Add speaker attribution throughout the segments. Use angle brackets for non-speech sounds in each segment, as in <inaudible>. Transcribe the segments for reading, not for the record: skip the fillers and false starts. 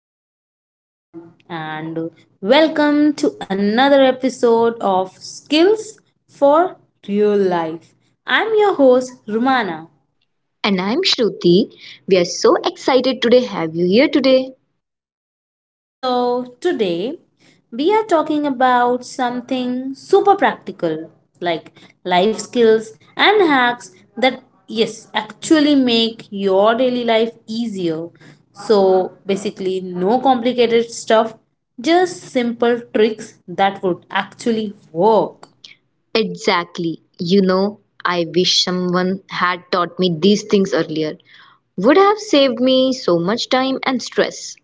Speaker 1: Hello, everyone, and welcome to another episode of Skills for Real Life. I'm your host, Rumana.
Speaker 2: And I'm Shruti. We are so excited today have you here today.
Speaker 1: So, today we are talking about something super practical like life skills and hacks that, yes, actually make your daily life easier. So, basically, no complicated stuff, just simple tricks that would actually work.
Speaker 2: Exactly. You know, I wish someone had taught me these things earlier. Would have saved me so much time and stress.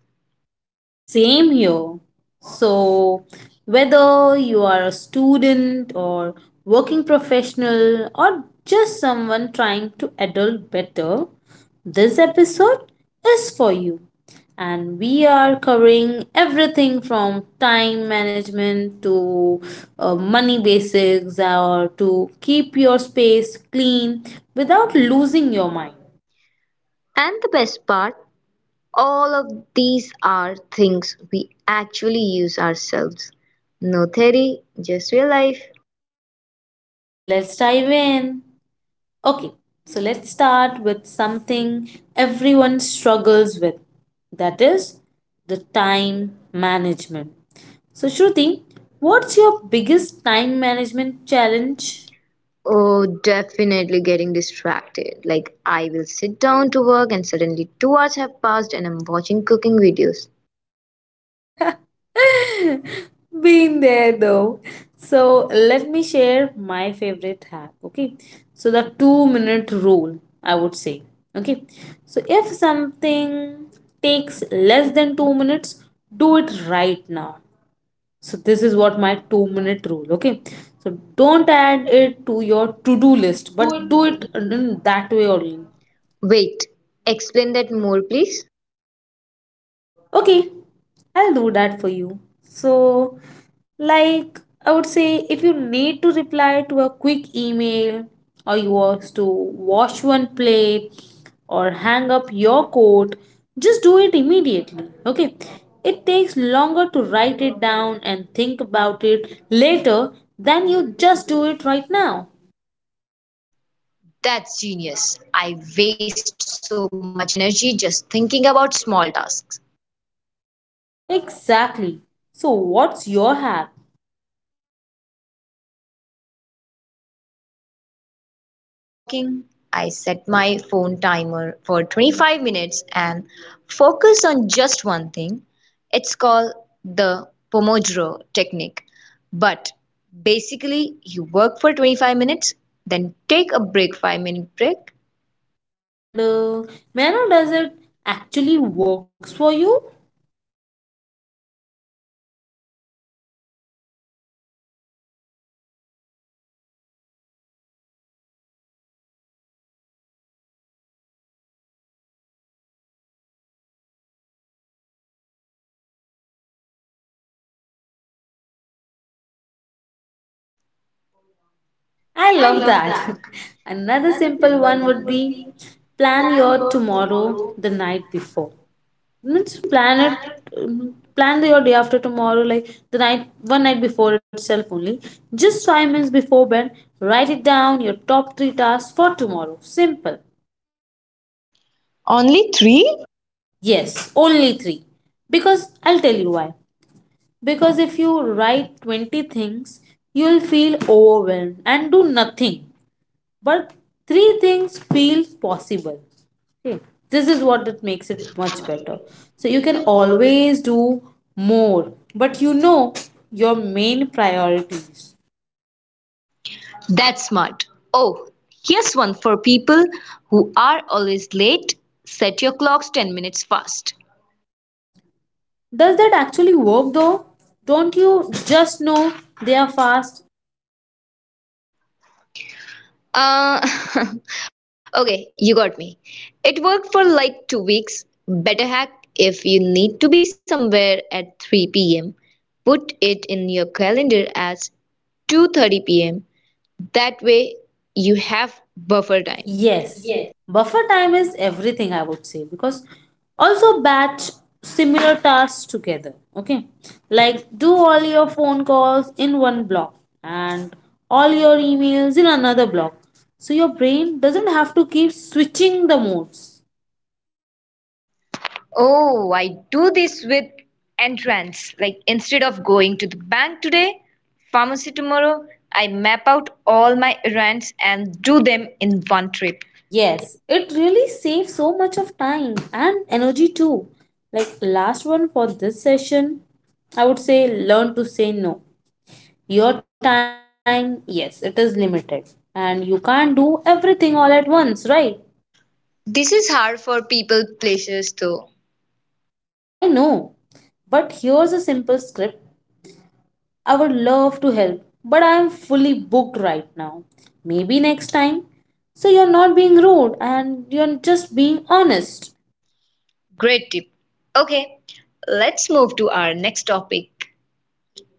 Speaker 1: Same here. So, whether you are a student or working professional or just someone trying to adult better, this episode is for you. And we are covering everything from time management to money basics or to keep your space clean without losing your mind.
Speaker 2: And the best part, all of these are things we actually use ourselves. No theory, just real life.
Speaker 1: So, let's dive in. Okay, so let's start with something everyone struggles with that is the time management. So, Shruti, what's your biggest time management challenge?
Speaker 2: Oh, definitely getting distracted. Like, I will sit down to work and suddenly 2 hours have passed and I'm watching cooking videos.
Speaker 1: <laughs> Been there though. So, let me share my favorite hack. Okay, so the 2-minute rule, I would say. Okay, so if something takes less than 2 minutes, do it right now. So this is what my 2-minute rule. Okay. So don't add it to your to do list, but do it in that way only.
Speaker 2: Wait, explain that more, please.
Speaker 1: Okay, I'll do that for you. So, like, I would say if you need to reply to a quick email, or you want to wash one plate, or hang up your coat, just do it immediately. Okay, it takes longer to write it down and think about it later than you just do it right now.
Speaker 2: That's genius. I waste so much energy just thinking about small tasks.
Speaker 1: Exactly. So, what's your hack?
Speaker 2: Um, Mine is time blocking. I set my phone timer for 25 minutes and focus on just one thing. It's called the Pomodoro technique. But basically, you work for 25 minutes, then take a break 5-minute break.
Speaker 1: And may I know, does it actually works for you? I love that. <laughs> Another simple one would be plan your tomorrow the night before. Means plan your day after tomorrow like the night one night before itself only. Just 5 minutes before bed, write it down your top 3 tasks for tomorrow. Simple.
Speaker 2: Only 3?
Speaker 1: Yes, only 3. Because I'll tell you why. Because if you write 20 things, you'll feel overwhelmed and do nothing, but three things feel possible. Okay, this is what it makes it much better, so you can always do more, but you know your main priorities.
Speaker 2: That's smart. Oh, here's one for people who are always late. Set your clocks 10 minutes fast.
Speaker 1: Does that actually work though? Don't you just know they are fast?
Speaker 2: Uh, <laughs> okay, you got me. It worked for like 2 weeks. Better hack if you need to be somewhere at 3 p.m. Put it in your calendar as 2:30 p.m. That way you have buffer time.
Speaker 1: Yes, buffer time is everything I would say because also batch similar tasks together. Okay, like do all your phone calls in one block and all your emails in another block so your brain doesn't have to keep switching the modes.
Speaker 2: Oh, I do this with entrance. Like instead of going to the bank today, pharmacy tomorrow, I map out all my errands and do them in one trip.
Speaker 1: Yes, it really saves so much of time and energy too. Like last one for this session, I would say learn to say no. Your time, yes, it is limited. And you can't do everything all at once, right?
Speaker 2: This is hard for people places though.
Speaker 1: I know. But here's a simple script. I would love to help, but I am fully booked right now. Maybe next time. So you're not being rude and you're just being honest.
Speaker 2: Great tip. Okay, let's move to our next topic.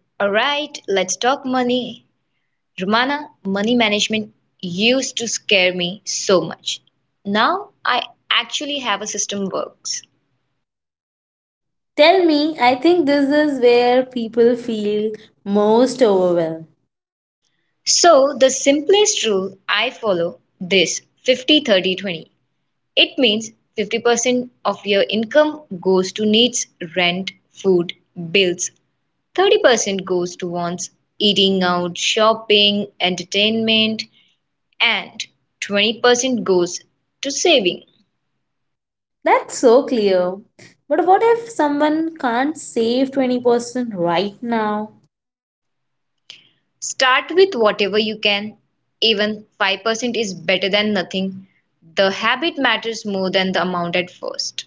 Speaker 2: All right, let's talk money. Romana, money management used to scare me so much. Now I actually have a system works.
Speaker 1: Tell me, I think this is where people feel most overwhelmed.
Speaker 2: So, the simplest rule I follow this 50-30-20. It means 50% of your income goes to needs, rent, food, bills. 30% goes to wants, eating out, shopping, entertainment, and 20% goes to saving.
Speaker 1: That's so clear. But what if someone can't save 20% right now?
Speaker 2: Start with whatever you can. Even 5% is better than nothing. The habit matters more than the amount at first.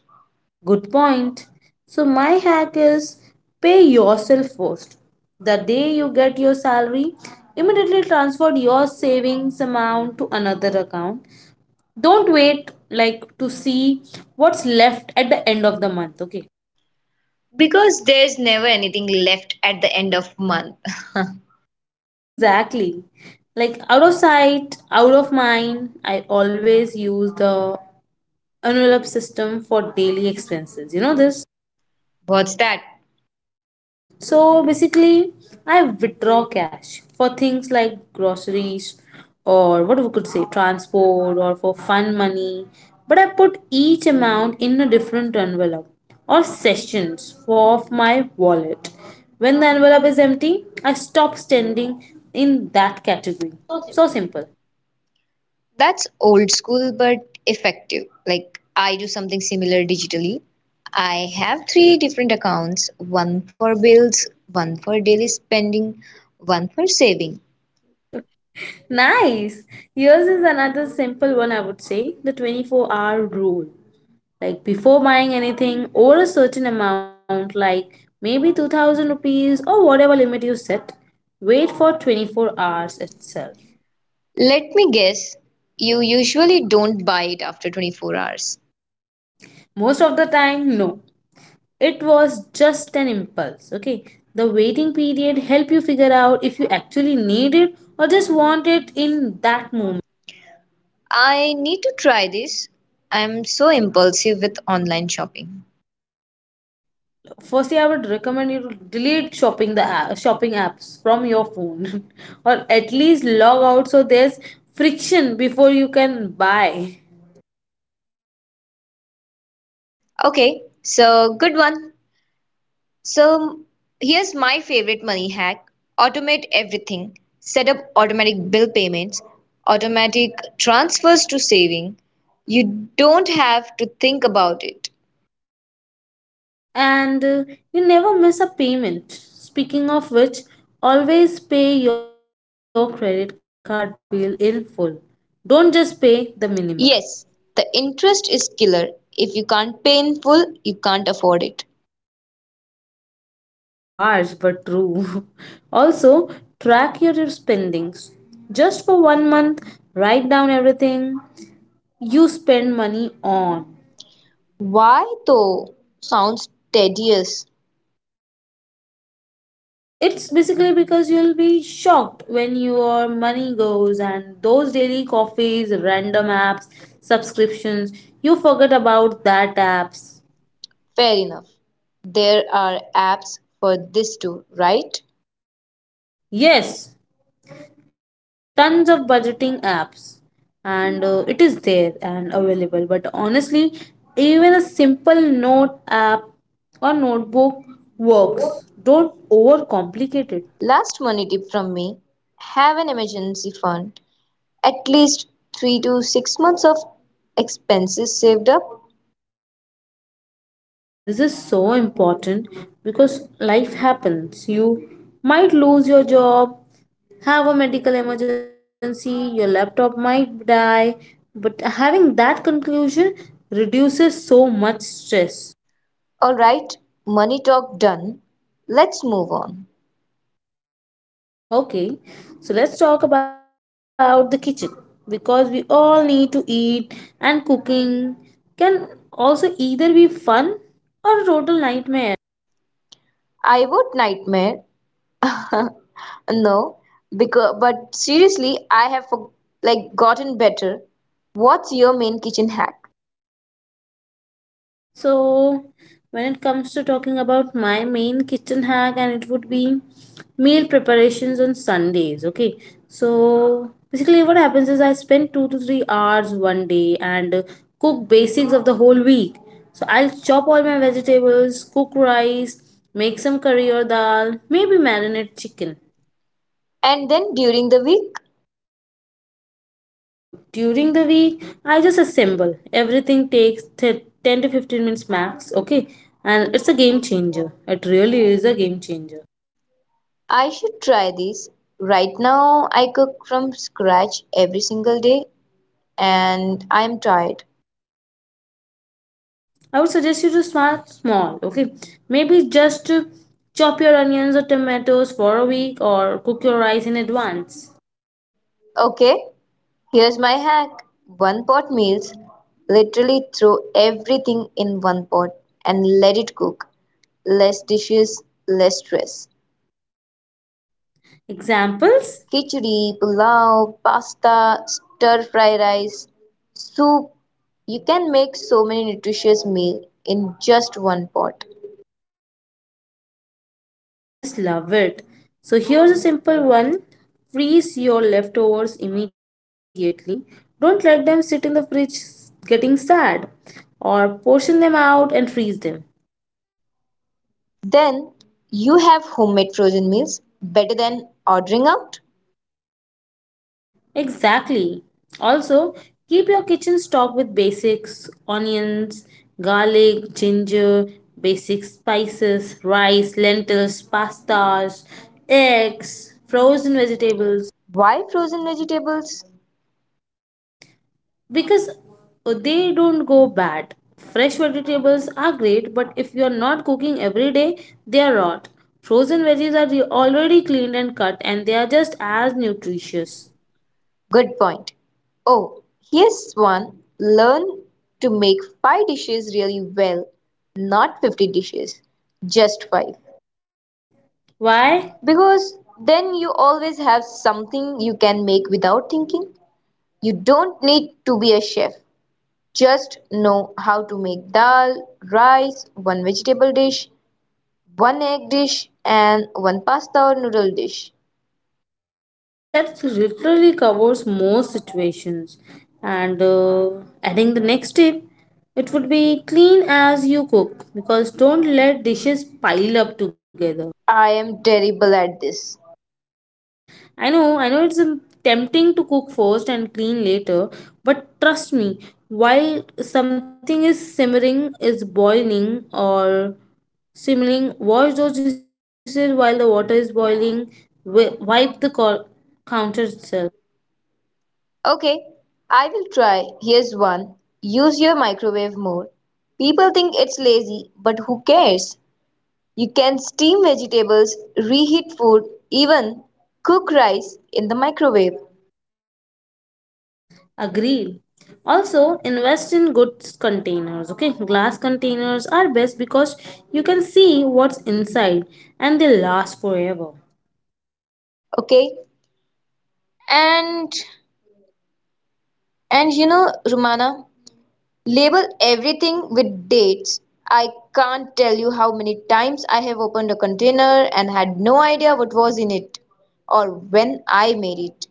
Speaker 1: Good point. So, my hack is pay yourself first. The day you get your salary, immediately transfer your savings amount to another account. Don't wait like to see what's left at the end of the month, okay?
Speaker 2: Because there's never anything left at the end of month.
Speaker 1: Exactly. Like out of sight, out of mind, I always use the envelope system for daily expenses. You know this?
Speaker 2: <laughs> What's that?
Speaker 1: So basically, I withdraw cash for things like groceries or what we could say transport or for fun money. But I put each amount in a different envelope or sessions of my wallet. When the envelope is empty, I stop standing in that category. So simple.
Speaker 2: That's old school but effective. Like I do something similar digitally. I have 3 different accounts one for bills, one for daily spending, one for saving.
Speaker 1: Nice. Yours is another simple one I would say the 24-hour rule. Like before buying anything over a certain amount like maybe 2000 rupees or whatever limit you set, wait for 24 hours itself.
Speaker 2: Let me guess, you usually don't buy it after 24 hours.
Speaker 1: Most of the time no, it was just an impulse. Okay, the waiting period help you figure out if you actually need it or just want it in that moment.
Speaker 2: I need to try this. I'm so impulsive with online shopping.
Speaker 1: Firstly, I would recommend you to delete shopping apps from your phone <laughs> or at least log out so there's friction before you can buy.
Speaker 2: Okay, so good one. So here's my favorite money hack. Automate everything. Set up automatic bill payments, automatic transfers to saving. You don't have to think about it.
Speaker 1: And you never miss a payment. Speaking of which, always pay your credit card bill in full. Don't just pay the minimum.
Speaker 2: Yes, the interest is killer. If you can't pay in full, you can't afford it.
Speaker 1: Harsh but true. <laughs> Also, track your spendings. Just for 1 month, write down everything you spend money on.
Speaker 2: Why though? Sounds tedious.
Speaker 1: It's basically because you'll be shocked when your money goes and those daily coffees, random apps, subscriptions, you forget about that apps.
Speaker 2: Fair enough. There are apps for this too, right?
Speaker 1: Yes, tons of budgeting apps, and it is there and available. But honestly, even a simple note app or notebook works. Don't overcomplicate it.
Speaker 2: Last money tip from me, have an emergency fund. At least 3 to 6 months of expenses saved up.
Speaker 1: This is so important because life happens. You might lose your job, have a medical emergency, your laptop might die, but having that conclusion reduces so much stress.
Speaker 2: All right, money talk done. Let's move on.
Speaker 1: Okay, so let's talk about the kitchen because we all need to eat, and cooking can also either be fun or a total nightmare.
Speaker 2: I would nightmare. <laughs> No, because but seriously, I have like gotten better. What's your main kitchen hack?
Speaker 1: So, when it comes to talking about my main kitchen hack, and it would be meal preparations on Sundays. Okay, so basically, what happens is I spend 2 to 3 hours one day and cook basics of the whole week. So, I'll chop all my vegetables, cook rice, make some curry or dal, maybe marinate chicken.
Speaker 2: And then during the week,
Speaker 1: So during the week, I just assemble. Everything takes 10 to 15 minutes max, okay? And it's a game changer. It really is a game changer.
Speaker 2: I should try this. Right now, I cook from scratch every single day and I'm tired.
Speaker 1: I would suggest you to start small, okay? Maybe just to chop your onions or tomatoes for a week or cook your rice in advance.
Speaker 2: Okay, here's my hack. One pot meals. Literally throw everything in one pot and let it cook. Less dishes, less stress.
Speaker 1: Examples?
Speaker 2: Khichdi, pulao, pasta, stir fry rice, soup. You can make so many nutritious meals in just one pot.
Speaker 1: I just love it. So here's a simple one. Freeze your leftovers immediately. Don't let them sit in the fridge getting sad or portion them out and freeze them.
Speaker 2: Then you have homemade frozen meals better than ordering out.
Speaker 1: Exactly. Also, keep your kitchen stocked with basics, onions, garlic, ginger, basic spices, rice, lentils, pastas, eggs, frozen vegetables
Speaker 2: Why frozen vegetables?
Speaker 1: because they don't go bad. Fresh vegetables are great, but if you are not cooking every day, they are rot. Frozen veggies are already cleaned and cut, and they are just as nutritious.
Speaker 2: Good point. Oh, here's one. Learn to make five dishes really well, not 50 dishes, just five.
Speaker 1: Why?
Speaker 2: Because then you always have something you can make without thinking. You don't need to be a chef. Just know how to make dal, rice, one vegetable dish, one egg dish, and one pasta or noodle dish.
Speaker 1: That literally covers most situations. And adding the next tip, it would be clean as you cook because don't let dishes pile up together.
Speaker 2: I am terrible at this.
Speaker 1: I know it's tempting to cook first and clean later, but trust me, while something is simmering, is boiling or simmering, wash those dishes while the water is boiling, wipe the counter itself.
Speaker 2: Okay, I will try. Here's one. Use your microwave more. People think it's lazy, but who cares? You can steam vegetables, reheat food, even cook rice in the microwave.
Speaker 1: Agreed. Also, invest in good containers. Okay, glass containers are best because you can see what's inside and they last forever.
Speaker 2: Okay? And and Romana, label everything with dates. I can't tell you how many times I have opened a container and had no idea what was in it or when I made it.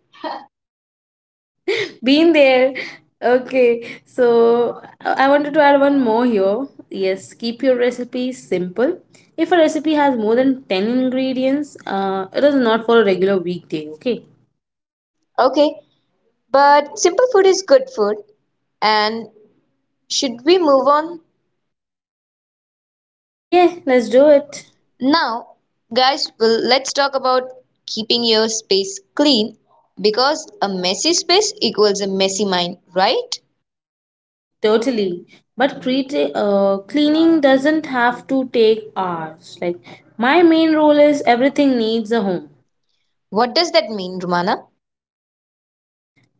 Speaker 1: <laughs> Been there. Okay, so I wanted to add one more here. Yes, keep your recipe simple. If a recipe has more than 10 ingredients, it is not for a regular weekday, okay?
Speaker 2: Okay, but simple food is good food. And should we move on
Speaker 1: Yeah, let's do it.
Speaker 2: now? Guys, well, let's talk about keeping your space clean because a messy space equals a messy mind, right?
Speaker 1: Totally. But cleaning doesn't have to take hours. Like, my main rule is everything needs a home.
Speaker 2: What does that mean, Romana?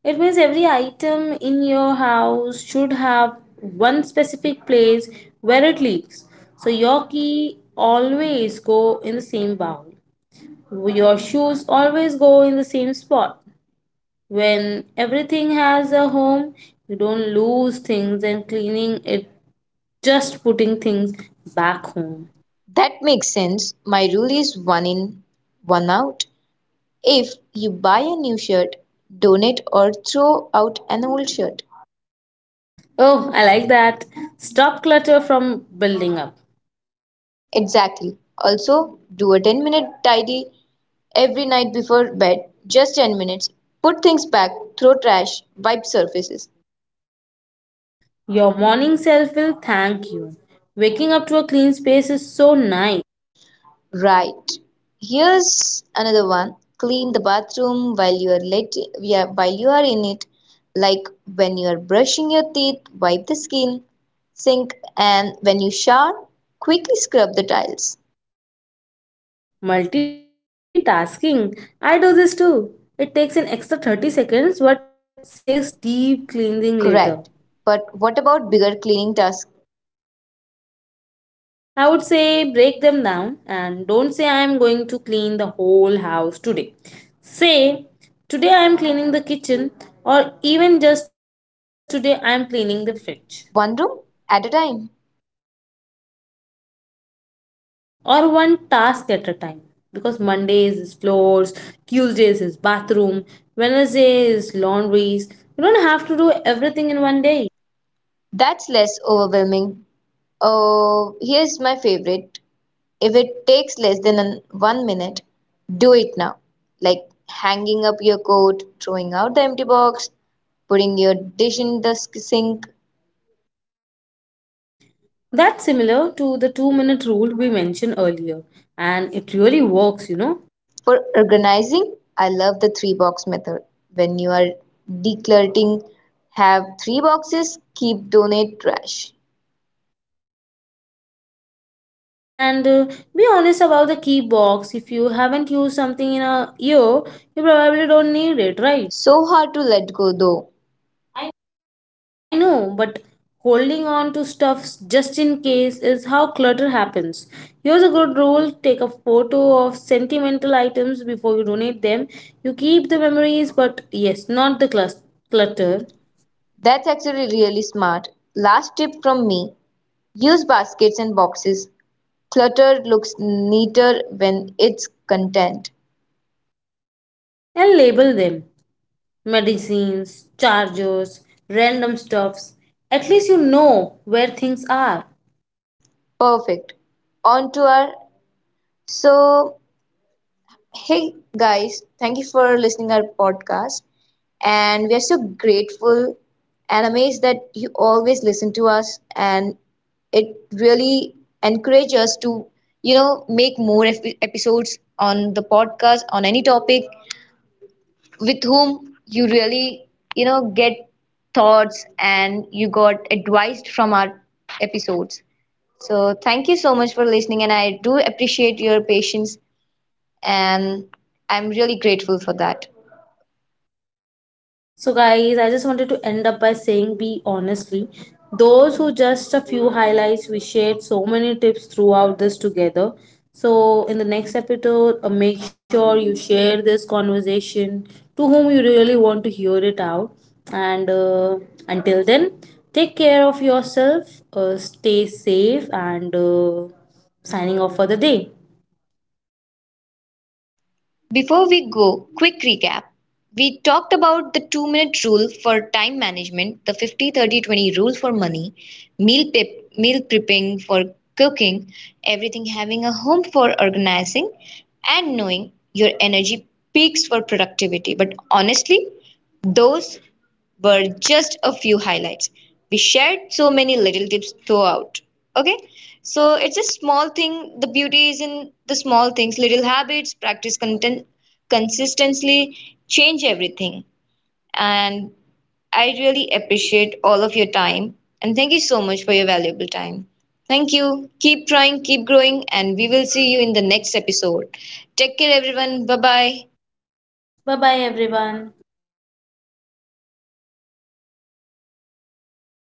Speaker 1: It means every item in your house should have one specific place where it lives. So your key always go in the same bowl. Your shoes always go in the same spot. When everything has a home, you don't lose things and cleaning it just putting things back home.
Speaker 2: That makes sense. My rule is one in, one out. If you buy a new shirt, donate or throw out an old shirt.
Speaker 1: Oh, I like that. Stop clutter from building up.
Speaker 2: Exactly. Also, do a 10-minute tidy. Every night before bed, just 10 minutes. Put things back, throw trash, wipe surfaces.
Speaker 1: Your morning self will thank you. Waking up to a clean space is so nice.
Speaker 2: Right. Here's another one. Clean the bathroom while you are let yeah, while you are in it. Like when you are brushing your teeth, wipe the skin, sink, and when you shower, quickly scrub the tiles.
Speaker 1: Multitasking. I do this too. It takes an extra 30 seconds but says deep cleansing later.
Speaker 2: Correct. But what about bigger cleaning tasks?
Speaker 1: I would say break them down and don't say I am going to clean the whole house today. Say today I am cleaning the kitchen or even just today I am cleaning the fridge
Speaker 2: One room at a time.
Speaker 1: or one task at a time because Monday is floors, Tuesdays is bathroom, Wednesday is laundries. You don't have to do everything in one day.
Speaker 2: That's less overwhelming. Oh, here's my favorite. If it takes less than 1 minute, do it now. Like hanging up your coat, throwing out the empty box, putting your dish in the sink.
Speaker 1: That's similar to the 2-minute rule we mentioned earlier, and it really works.
Speaker 2: For organizing, I love the three box method. When you are decluttering, have three boxes, keep donate trash.
Speaker 1: And be honest about the key box. If you haven't used something in a year, you probably don't need it, right?
Speaker 2: So hard to let go though.
Speaker 1: I know, but holding on to stuff just in case is how clutter happens. Here's a good rule: take a photo of sentimental items before you donate them. You keep the memories, but yes, not the clutter,
Speaker 2: That's actually really smart. Last tip from me, use baskets and boxes. Clutter looks neater when it's content.
Speaker 1: and label them. Medicines, chargers, random stuffs. At least you know where things are.
Speaker 2: Perfect. On to our so Hey guys, thank you for listening our podcast and we are so grateful and amazed that you always listen to us and it really encourages us to make more episodes on the podcast on any topic with whom you really, get thoughts and you got advised from our episodes. So thank you so much for listening, and I do appreciate your patience, and I'm really grateful for that.
Speaker 1: So, guys, I just wanted to end up by saying be honestly. Those who just a few highlights, we shared so many tips throughout this together. So, in the next episode, make sure you share this conversation to whom you really want to hear it out. And until then, take care of yourself, stay safe, and signing off for the day.
Speaker 2: Before we go, quick recap. We talked about the two-minute rule for time management, the 50-30-20 rule for money, meal prepping for cooking, everything having a home for organizing, and knowing your energy peaks for productivity. But honestly, those were just a few highlights. We shared so many little tips throughout. Okay, so it's a small thing. The beauty is in the small things, little habits, practice content consistently, change everything. And I really appreciate all of your time. And thank you so much for your valuable time. Thank you. Keep trying, keep growing, and we will see you in the next episode. Take care, everyone. Bye bye.
Speaker 1: Bye bye, everyone.